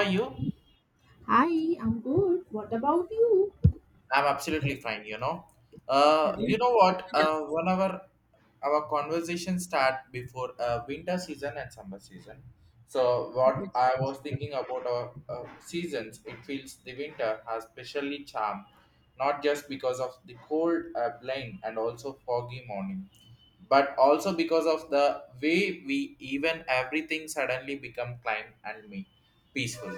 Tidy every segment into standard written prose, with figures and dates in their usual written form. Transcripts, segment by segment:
Are you? Hi, I'm good. What about you? I'm absolutely fine. You know what? 1 hour, our conversation start before winter season and summer season. So what I was thinking about our seasons, it feels the winter has specially charm, not just because of the cold plain and also foggy morning, but also because of the way we even everything suddenly become calm and me peaceful.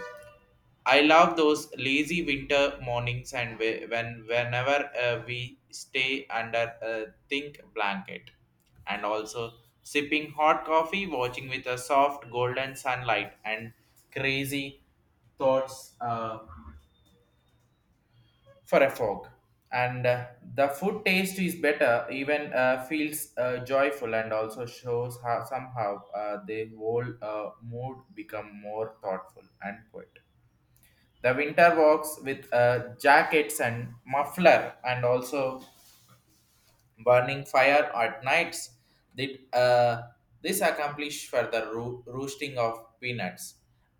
I love those lazy winter mornings and whenever we stay under a thick blanket and also sipping hot coffee watching with a soft golden sunlight and crazy thoughts for a fog and the food taste is better even feels joyful and also shows how somehow the whole mood become more thoughtful and quiet the winter walks with jackets and muffler and also burning fire at nights. That, this accomplish for the roosting of peanuts.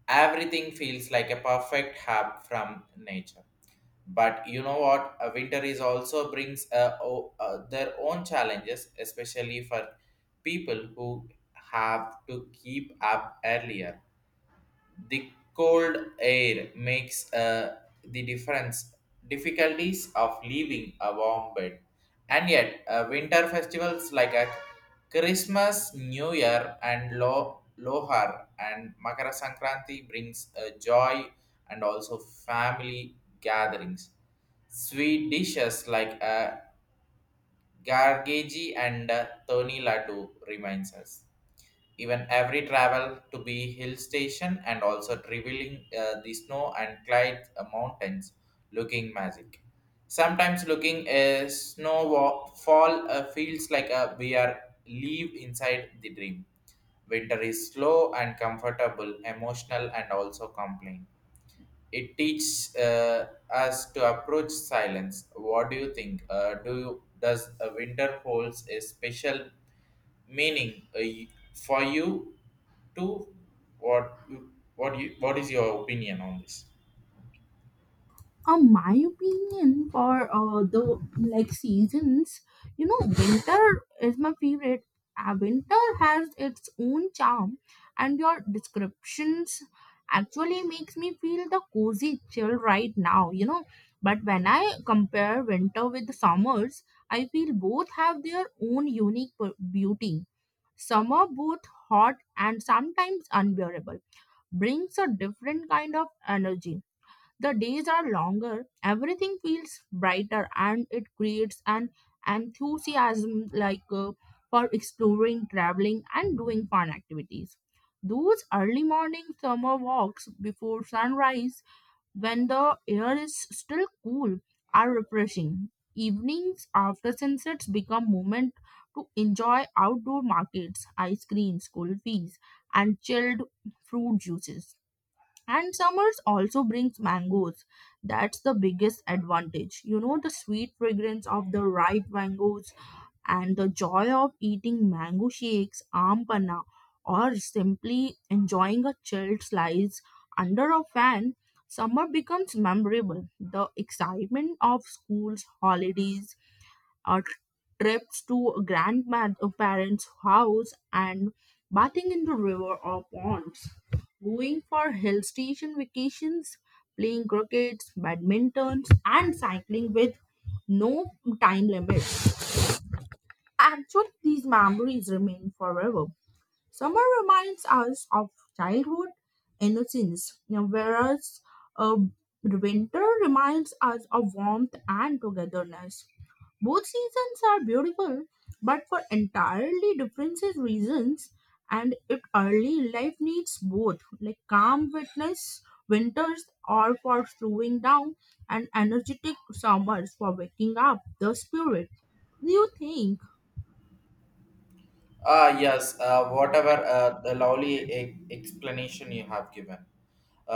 Everything feels like a perfect hub from nature. But you know what? A winter is also brings their own challenges, especially for people who have to keep up earlier the cold air makes the difference difficulties of leaving a warm bed. And yet, winter festivals like a Christmas, New Year, and Lohar and Makara Sankranti brings joy and also family gatherings. Sweet dishes like gargeji and toni laddu reminds us even every travel to be hill station and also revealing the snow and clyde mountains looking magic sometimes looking a snow fall feels like a, we are live inside the dream. Winter is slow and comfortable emotional and also complain. It teaches us to approach silence. What do you think do you, does a winter holds a special meaning for you to what what you what is your opinion on this? My opinion for the like seasons, you know, winter is my favorite. Winter has its own charm, and your descriptions actually makes me feel the cozy chill right now. You know, but when I compare winter with the summers, I feel both have their own beauty. Summer both hot and sometimes unbearable brings a different kind of energy. The days are longer, everything feels brighter, and it creates an enthusiasm for exploring, traveling, and doing fun activities. Those early morning summer walks before sunrise, when the air is still cool, are refreshing. Evenings after sunsets become moment to enjoy outdoor markets, ice creams, cold fees, and chilled fruit juices, and summers also brings mangoes. That's the biggest advantage, you know, the sweet fragrance of the ripe mangoes and the joy of eating mango shakes ampana or simply enjoying a chilled slice under a fan. Summer becomes memorable, the excitement of schools holidays, uh, trips to grandparents' house, and bathing in the river or ponds, going for hill station vacations, playing cricket, badminton, and cycling with no time limit. Actually, these memories remain forever. Summer reminds us of childhood innocence, you know, whereas uh, winter reminds us of warmth and togetherness. Both seasons are beautiful, but for entirely different reasons, and it early life needs both, like calm witness. Winters are for slowing down, and energetic summers for waking up the spirit. Do you think? Ah yes, whatever the lovely explanation you have given.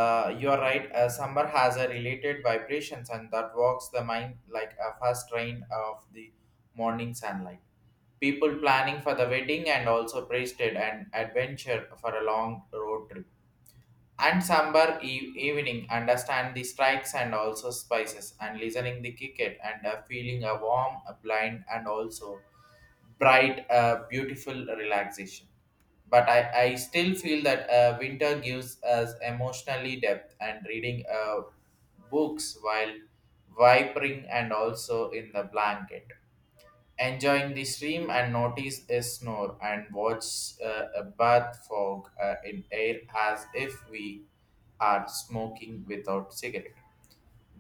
You are right. Summer has a related vibrations and that walks the mind like a fast rain of the morning sunlight. People planning for the wedding and also braced and adventure for a long road trip and sambar evening understand the strikes and also spices and listening the cricket and feeling a warm a blind and also bright beautiful relaxation. But I still feel that winter gives us emotionally depth and reading books while vipering and also in the blanket enjoying the stream and notice a snore and watch a bath fog in air as if we are smoking without cigarette.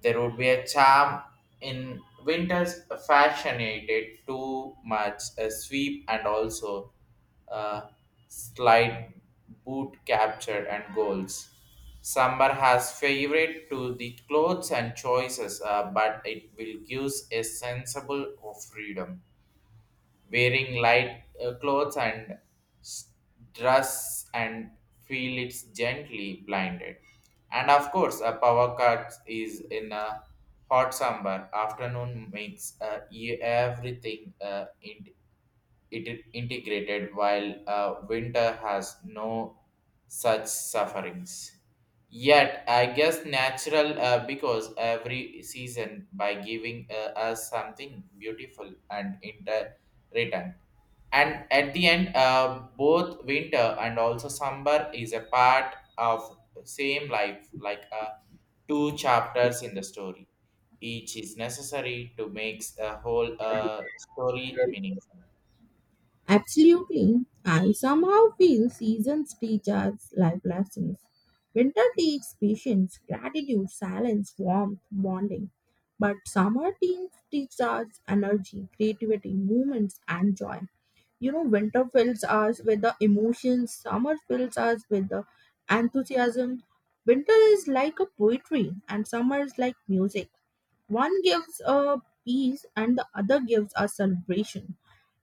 There would be a charm in winter's fascinated too much a sweep and also a slight boot capture and goals. Summer has favorite to the clothes and choices, but it will give a sensible of freedom wearing light clothes and s- dress and feel it's gently blinded. And of course, a power cut is in a hot summer afternoon makes everything in it is integrated while winter has no such sufferings yet I guess natural, because every season by giving us something beautiful and in return. And at the end, both winter and also summer is a part of same life like, two chapters in the story, each is necessary to make a whole story meaningful. Absolutely. I somehow feel seasons teach us life lessons. Winter teaches patience, gratitude, silence, warmth, bonding. But summer teaches us energy, creativity, movements, and joy. You know, winter fills us with the emotions, summer fills us with the enthusiasm. Winter is like a poetry, and summer is like music. One gives a peace, and the other gives a celebration.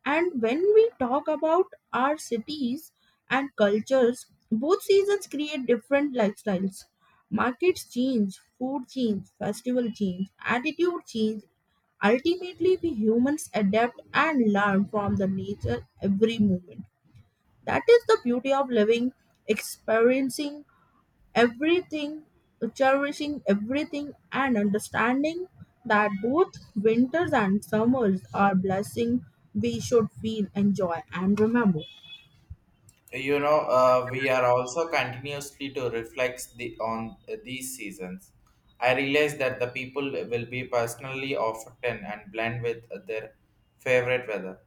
And when we talk about our cities and cultures, both seasons create different lifestyles. Markets change, food change, festival change, attitude change. Ultimately, we humans adapt and learn from the nature every moment. That is the beauty of living, experiencing everything, cherishing everything, and understanding that both winters and summers are blessing we should feel, enjoy, and remember. We are also continuously to reflect the, on these seasons. I realize that the people will be personally often and blend with their favorite weather.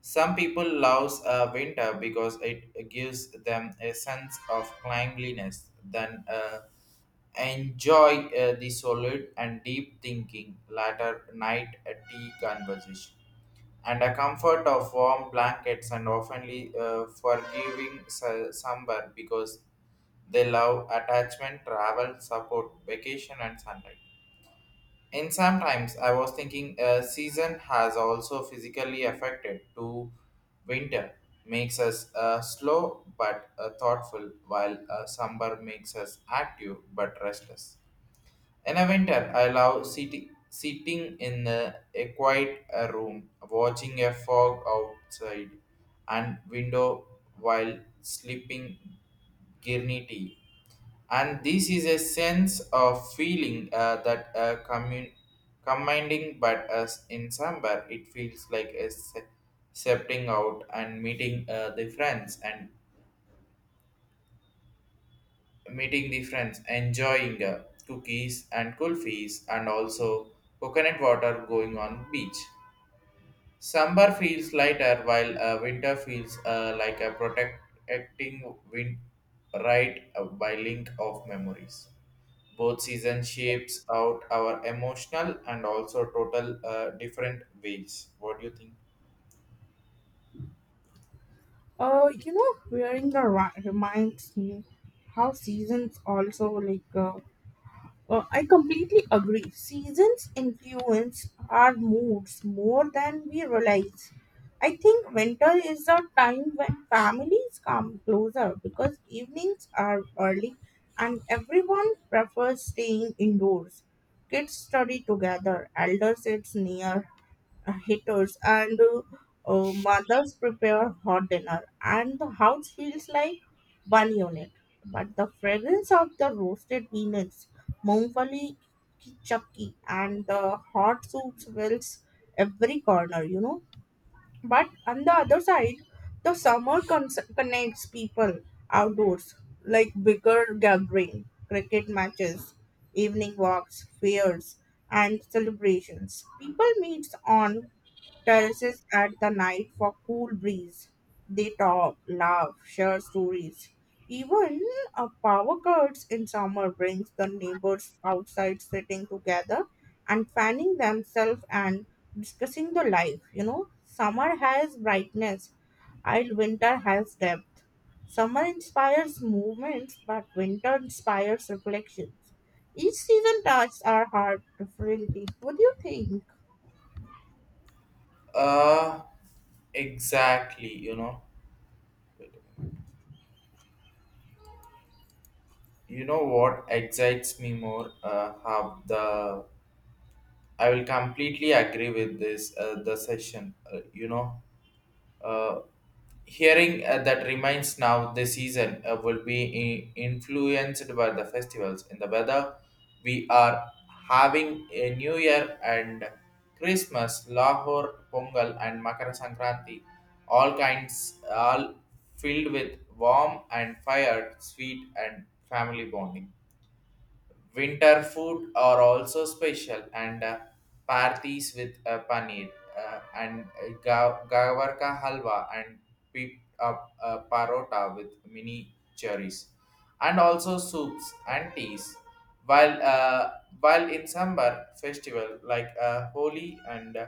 Some people loves winter because it gives them a sense of cleanliness, then enjoy the solid and deep thinking latter night tea conversation and a comfort of warm blankets and oftenly forgiving sunburn because they love attachment, travel, support, vacation, and sunlight. And sometimes I was thinking a season has also physically affected to winter makes us slow but thoughtful while summer makes us active but restless. In a winter, I love sitting in a quiet room, watching a fog outside and window while sleeping Girni tea. And this is a sense of feeling that commanding, but as in summer, it feels like a stepping out and meeting the friends and meeting the friends, enjoying cookies and kulfis, and also coconut water going on beach. Summer feels lighter while winter feels like a protecting wind right, by link of memories. Both season shapes out our emotional and also total different ways. What do you think? You know, wearing the reminds me how seasons also I completely agree. Seasons influence our moods more than we realize. I think winter is a time when families come closer because evenings are early and everyone prefers staying indoors. Kids study together, elders sit near, heaters, and mothers prepare hot dinner and the house feels like one unit, but the fragrance of the roasted peanuts, mongoli, chakki, and the hot soups fills every corner, you know. But on the other side, the connects people outdoors, like bigger gathering, cricket matches, evening walks, fairs, and celebrations. People meet on terraces at the night for cool breeze. They talk, laugh, share stories. Even a power cuts in summer brings the neighbors outside sitting together and fanning themselves and discussing the life. You know, summer has brightness, while winter has depth. Summer inspires movements, but winter inspires reflections. Each season touches our heart differently. What do you think? Uh, exactly, you know. Wait a moment. You know what excites me more? How the I will completely agree with this. The session, uh, hearing that reminds now the season will be influenced by the festivals in the weather. We are having a New Year and Christmas, Lahore, Pongal, and Makara Sankranti, all kinds, all filled with warm and fire, sweet and family bonding. Winter food are also special and parties with paneer and gavar ka halwa and peep up parota with mini cherries and also soups and teas while while in sambar festival like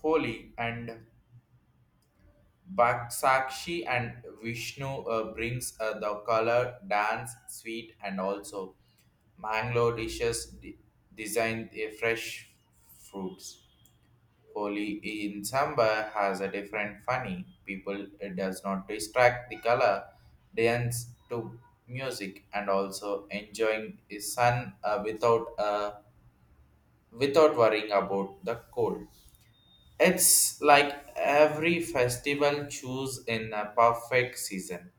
holi and Bakshakshi and Vishnu brings the color, dance, sweet, and also Mangalore dishes designed fresh fruits. Holi in Samba has a different funny. People it does not distract the color, dance to music, and also enjoying the sun without worrying about the cold. It's like every festival choose in a perfect season.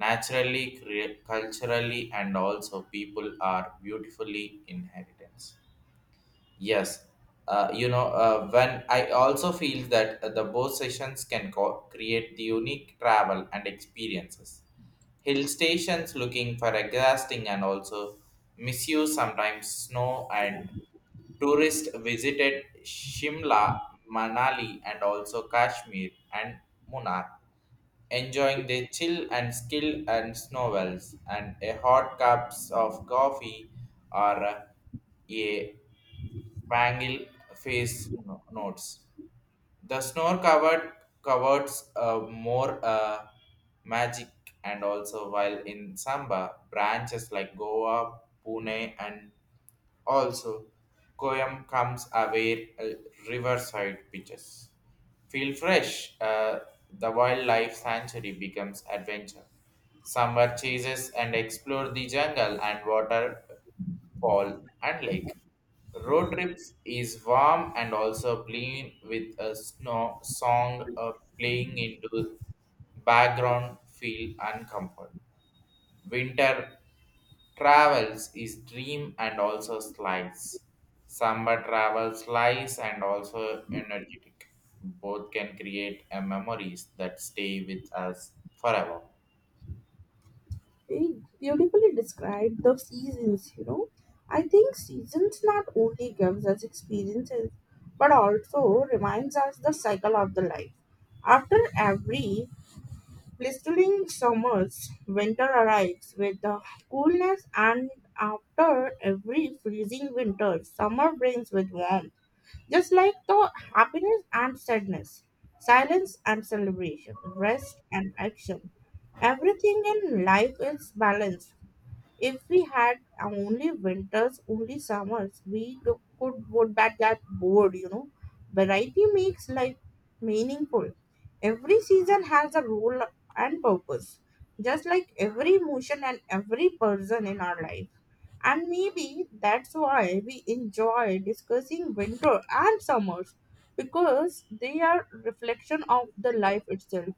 Naturally, culturally, and also people are beautifully inheritance. Yes, when I also feel that the both sessions can create the unique travel and experiences. Hill stations looking for exhausting and also misuse sometimes snow and tourists visited Shimla, Manali and also Kashmir and Munnar enjoying the chill and skill and snowballs and a hot cups of coffee or a bangle face notes. The snow covered covers more magic and also while in Samba branches like Goa, Pune and also Koyam comes away riverside beaches. Feel fresh. The wildlife sanctuary becomes adventure. Summer chases and explore the jungle and waterfall and lake. Road trips is warm and also clean with a snow song playing into background feel and comfort. Winter travels is dream and also slice. Summer travels lies and also energetic. Both can create a memories that stay with us forever. They beautifully described the seasons, you know. I think seasons not only gives us experiences but also reminds us the cycle of the life. After every blistering summers, winter arrives with the coolness, and after every freezing winter, summer brings with warmth. Just like the happiness and sadness, silence and celebration, rest and action. Everything in life is balanced. If we had only winters, only summers, we go- could would that get bored, you know. Variety makes life meaningful. Every season has a role and purpose, just like every emotion and every person in our life. And maybe that's why we enjoy discussing winter and summers because they are reflection of the life itself.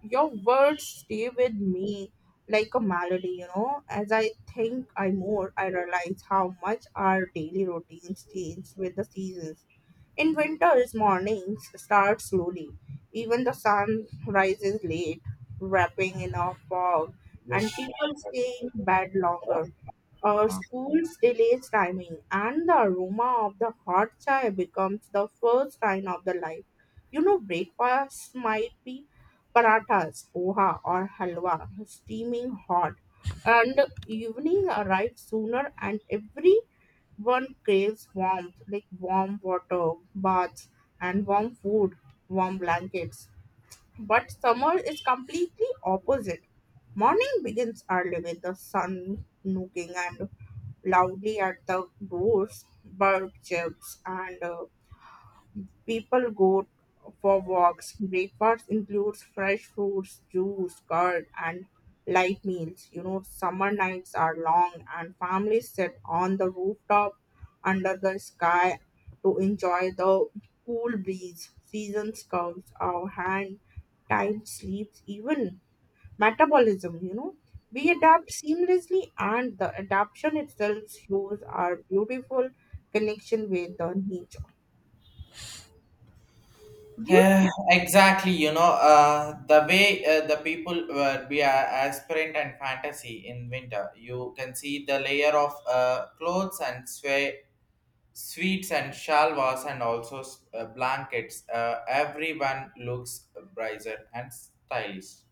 Your words stay with me like a melody, you know. As I think I more I realize how much our daily routines change with the seasons. In winter, his mornings start slowly. Even the sun rises late, wrapping in a fog, Yes. and people stay in bed longer. Our Uh, school's delays timing, and the aroma of the hot chai becomes the first sign of the life. You know, breakfast might be parathas, poha, or halwa, steaming hot. And evening arrives sooner, and every one craves warmth, like warm water, baths, and warm food, warm blankets. But summer is completely opposite. Morning begins early with the sun nooking and loudly at the doors, bird chirps, and people go for walks. Breakfast includes fresh fruits, juice, curd, and light meals. You know, summer nights are long, and families sit on the rooftop under the sky to enjoy the cool breeze. Seasons curves our hand, time sleeps, even metabolism. You know, we adapt seamlessly, and the adaptation itself shows our beautiful connection with the nature. Do you? exactly, the way the people were be a aspirant and fantasy in winter, you can see the layer of clothes and sweat. Sweets and shalwas and also blankets. Everyone looks brighter and stylish.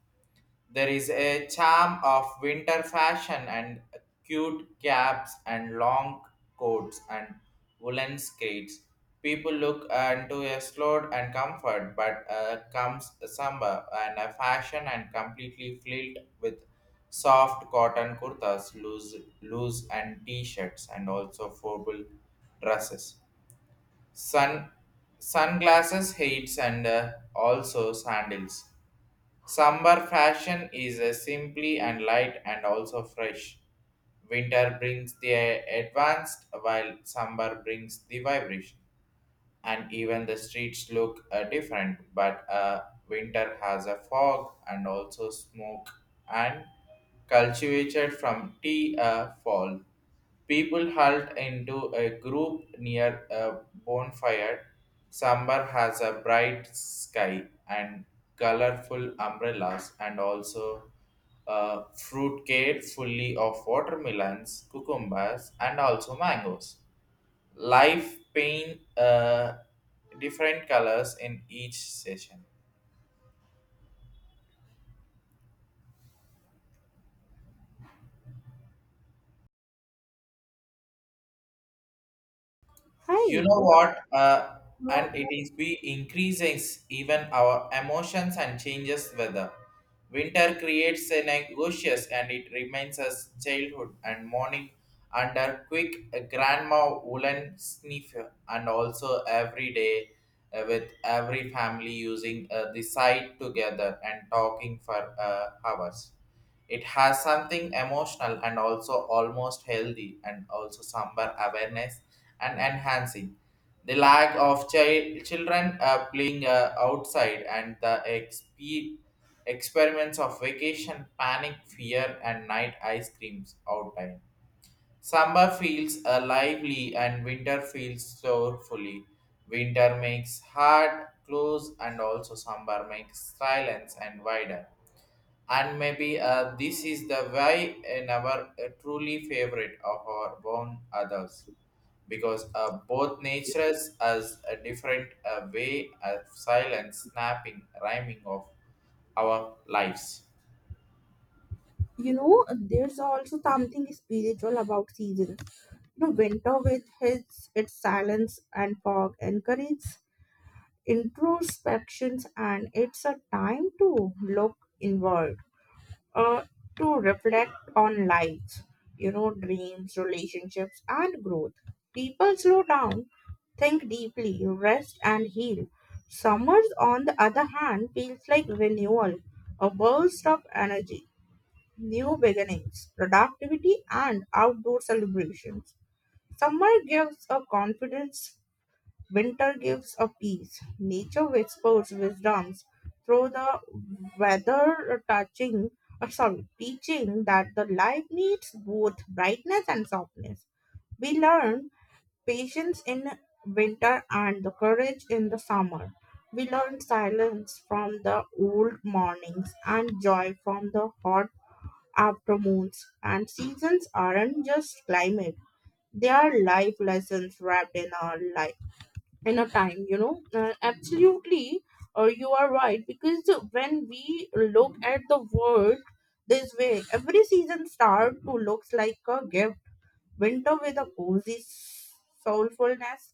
There is a charm of winter fashion and cute caps and long coats and woolen skirts. People look into a slow and comfort, but comes summer and a fashion and completely filled with soft cotton kurtas, loose and t-shirts, and also formal dresses. Sun, sunglasses, hats, and also sandals. Summer fashion is simply and light and also fresh. Winter brings the advanced, while summer brings the vibration and even the streets look different. But winter has a fog and also smoke and cultivated from tea fall. People huddled into a group near a bonfire. Summer has a bright sky and colorful umbrellas and also fruit care fully of watermelons, cucumbers, and also mangoes life paint different colors in each session. You Hi. know what Now, And it is be increases even our emotions and changes weather. Winter creates a negotious and it reminds us childhood and morning under quick grandma woolen sniffer and also every day with every family using the side together and talking for hours. It has something emotional and also almost healthy and also somber awareness and enhancing. The lack of children playing outside and the experiments of vacation, panic, fear, and night ice creams outside. Summer feels lively and winter feels sorrowfully. Winter makes heart close and also summer makes silence and wider and maybe this is the why in our truly favorite of our born others because both natures as a different way of silent snapping rhyming of our lives. you know, there's also something spiritual about seasons. You know, winter with its silence and fog encourages introspections, and it's a time to look inward, uh, to reflect on life, you know, dreams, relationships, and growth. People slow down, think deeply, rest, and heal. Summers, on the other hand, feels like renewal, a burst of energy, new beginnings, productivity, and outdoor celebrations. Summer gives a confidence, winter gives a peace. Nature whispers wisdoms through the weather, touching, sorry, teaching that the life needs both brightness and softness. We learn patience in winter and the courage in the summer. We learn silence from the old mornings and joy from the hot after moons. And seasons aren't just climate, they are life lessons wrapped in our life, in a time, you know. Absolutely, or you are right, because when we look at the world this way, every season start to looks like a gift. Winter with a cozy soulfulness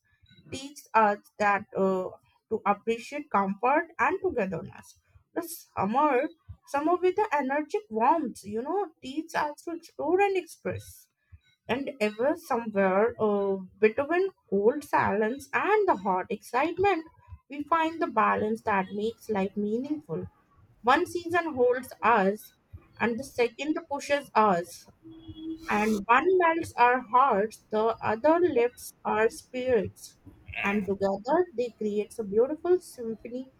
teaches us that to appreciate comfort and togetherness. The summer, Summer with the energetic warmth, you know, teaches us to explore and express. And ever somewhere between cold silence and the hot excitement, we find the balance that makes life meaningful. One season holds us, and the second pushes us, and one melts our hearts, the other lifts our spirits, and together they create a beautiful symphony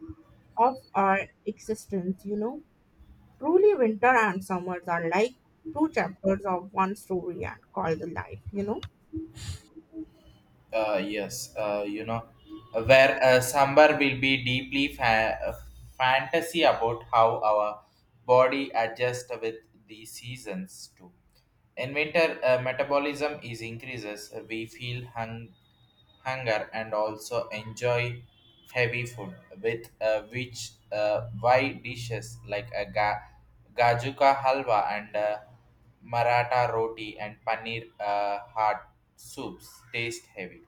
of our existence, you know. Truly, winter and summers are like two chapters of one story and called the life, you know. Yes, where somewhere will be deeply fantasy about how our body adjusts with the seasons too. In winter, metabolism is increases. We feel hunger and also enjoy heavy food with which wide dishes like a gajuka halwa and maratha roti and paneer hot soups taste heavy.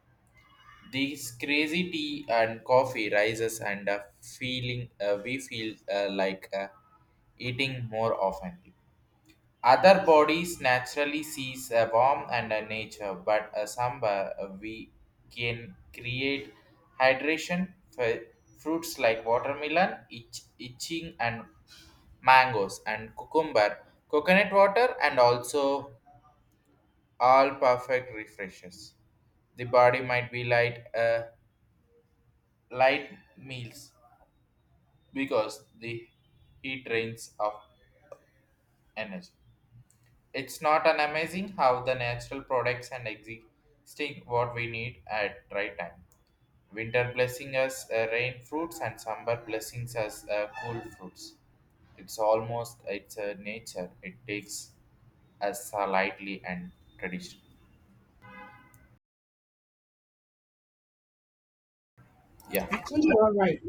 These crazy tea and coffee rises and feeling we feel like eating more often. Other bodies naturally sees a warm and a nature, but a samba we can create hydration for fruits like watermelon, itching and mangoes and cucumber, coconut water and also all perfect refreshes. The body might be light, light meals because the heat drains of energy. It's not an amazing how the natural products and existing what we need at right time. Winter blessing us rain fruits and summer blessings us cool fruits. It's almost, it's a nature. It takes us lightly and tradition. Yeah. Actually, you're right.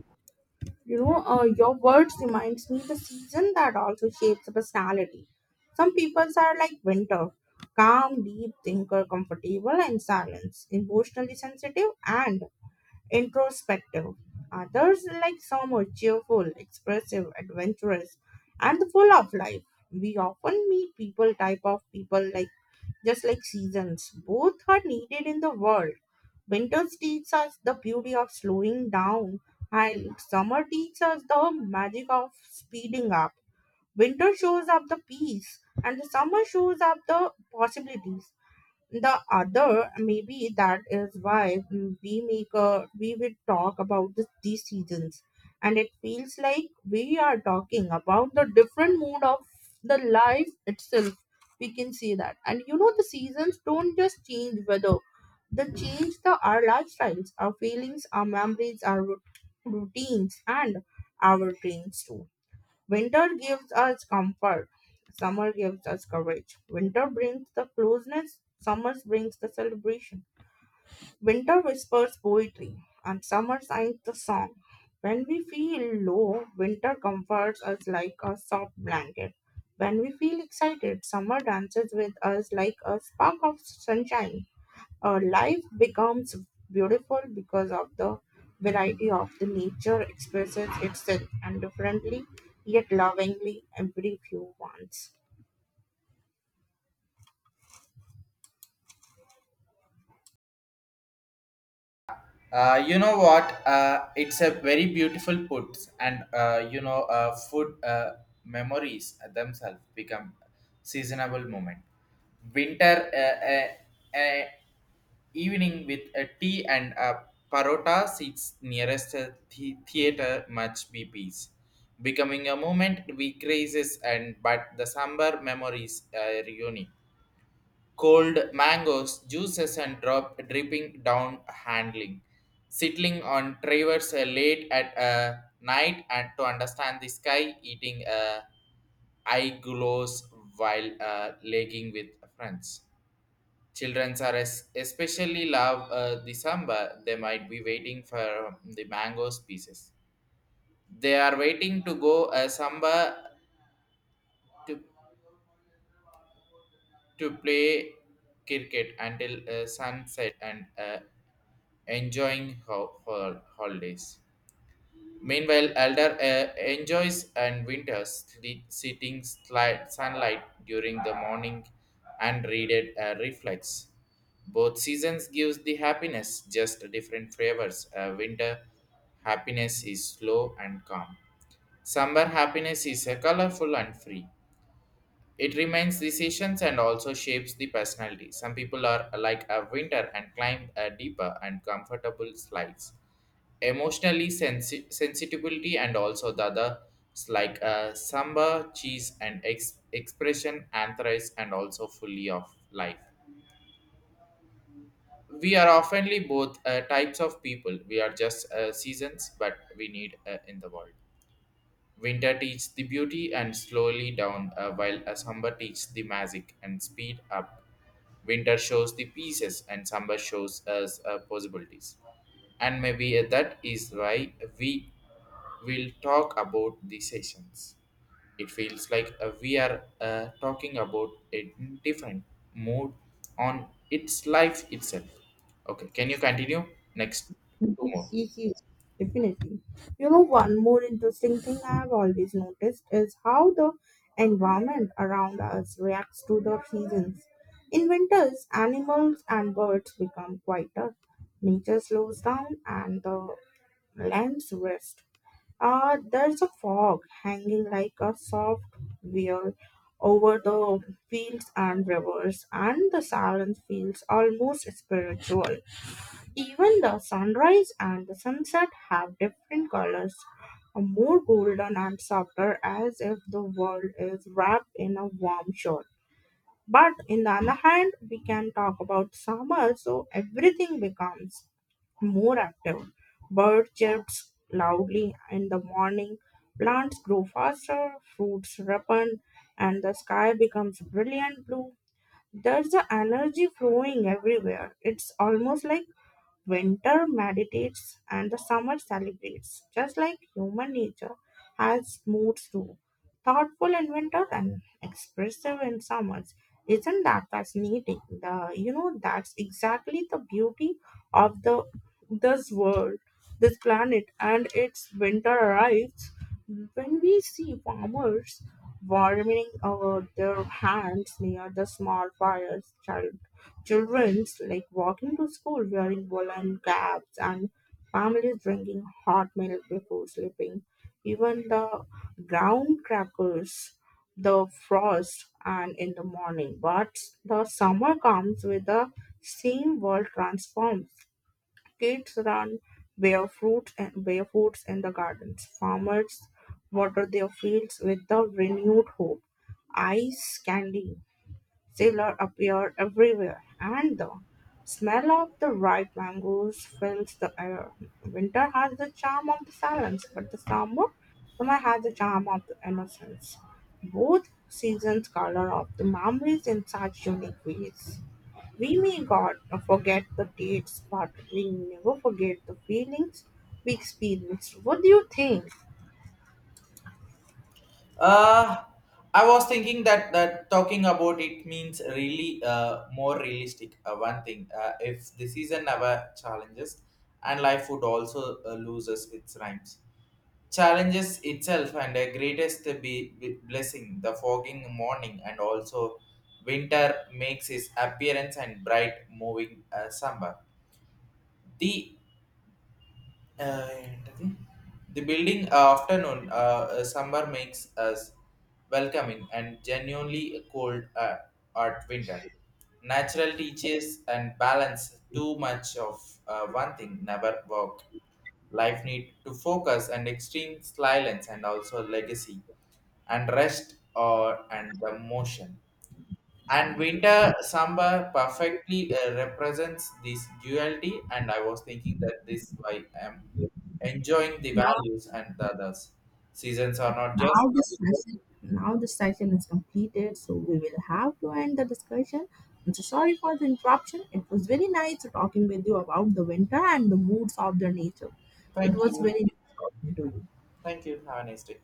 You know, your words reminds me the season that also shapes the personality. Some people are like winter, calm, deep thinker, comfortable in silence, emotionally sensitive and introspective. Others, like some, are cheerful, expressive, adventurous, and full of life. We often meet type of people, like just like seasons. Both are needed in the world. Winter teaches us the beauty of slowing down, and summer teaches us the magic of speeding up. Winter shows up the peace, and the summer shows up the possibilities. The other maybe that is why we make a we will talk about these seasons, and it feels like we are talking about the different mood of the life itself. We can see that, and you know, the seasons don't just change weather, they change the our lifestyles, our feelings, our memories, our routines, and our dreams too. Winter gives us comfort, summer gives us courage. Winter brings the closeness, summer brings the celebration. Winter whispers poetry, and summer sings the song. When we feel low, winter comforts us like a soft blanket. When we feel excited, summer dances with us like a spark of sunshine. Life becomes beautiful because of the variety of the nature expresses itself and differently yet lovingly every few wants. You know what? It's a very beautiful put, and food memories themselves become seasonable moment. Winter evening with a tea and a parota seats nearest a theater much be peace, becoming a moment we crazes. And but the somber memories are unique cold mangoes, juices, and drop dripping down handling, settling on travers late at night and to understand the sky, eating eye glows while legging with friends. Children are especially love the samba. They might be waiting for the mangoes pieces. They are waiting to go samba to to play cricket until sunset and. Enjoying holidays. Meanwhile, Elder enjoys and winters sleep, sitting slight sunlight during the morning and readed reflex. Both seasons gives the happiness, just different flavors. Winter happiness is slow and calm. Summer happiness is colorful and free. It remains decisions and also shapes the personality. Some people are like a winter and climb a deeper and comfortable slides emotionally sensitivity and also the other like samba cheese and expression anthrace and also fully of life. We are oftenly both types of people. We are just seasons but we need in the world. Winter teaches the beauty and slowly down, while a summer teaches the magic and speed up. Winter shows the pieces and summer shows us possibilities. And maybe that is why we will talk about the sessions. It feels like we are talking about a different mood on its life itself. Okay, can you continue? Next two Yes, more. yes, definitely. You know, one more interesting thing I have always noticed is how the environment around us reacts to the seasons. In winters, animals and birds become quieter, nature slows down, and the lands rest. There's a fog hanging like a soft veil over the fields and rivers, and the silence feels almost spiritual. Even the sunrise and the sunset have different colors, more golden and softer, as if the world is wrapped in a warm shawl. But in the other hand, we can talk about summer, so everything becomes more active. Bird chirps loudly in the morning, plants grow faster, fruits ripen, and the sky becomes brilliant blue. There's the energy flowing everywhere. It's almost like winter meditates and the summer celebrates, just like human nature has moods too. Thoughtful in winter and expressive in summers. Isn't that fascinating? The you know that's exactly the beauty of the this world, this planet, and its winter arrives. When we see farmers warming their hands near the small fires, children's like walking to school wearing woolen caps, and families drinking hot milk before sleeping, even the ground crackers, the frost, and in the morning. But the summer comes with the same world transforms. Kids run barefoots in the gardens. Farmers water their fields with the renewed hope. Ice candy sailor appear everywhere, and the smell of the ripe mangoes fills the air. Winter has the charm of the silence, but summer has the charm of the innocence. Both seasons color of the memories in such unique ways. We may God forget the dates, but we never forget the feelings we experienced. What do you think? Uh, I was thinking that talking about it means really more realistic. One thing, if the season never challenges, and life would also loses its rhymes. Challenges itself and the greatest be blessing, the fogging morning and also winter makes his appearance and bright moving summer. The ఏంటది? The building afternoon summer makes us welcoming and genuinely cold at winter natural teaches and balance too much of one thing never work. Life need to focus and extreme silence and also legacy and rest or and the motion and winter samba perfectly represents this duality and I was thinking that this why I'm enjoying the Now, values and the others. Seasons are not just. Now this session is completed, so we will have to end the discussion. I'm so sorry for the interruption. It was very nice talking with you about the winter and the moods of the nature. It Thank was you. very nice talking to you. Thank you. Have a nice day.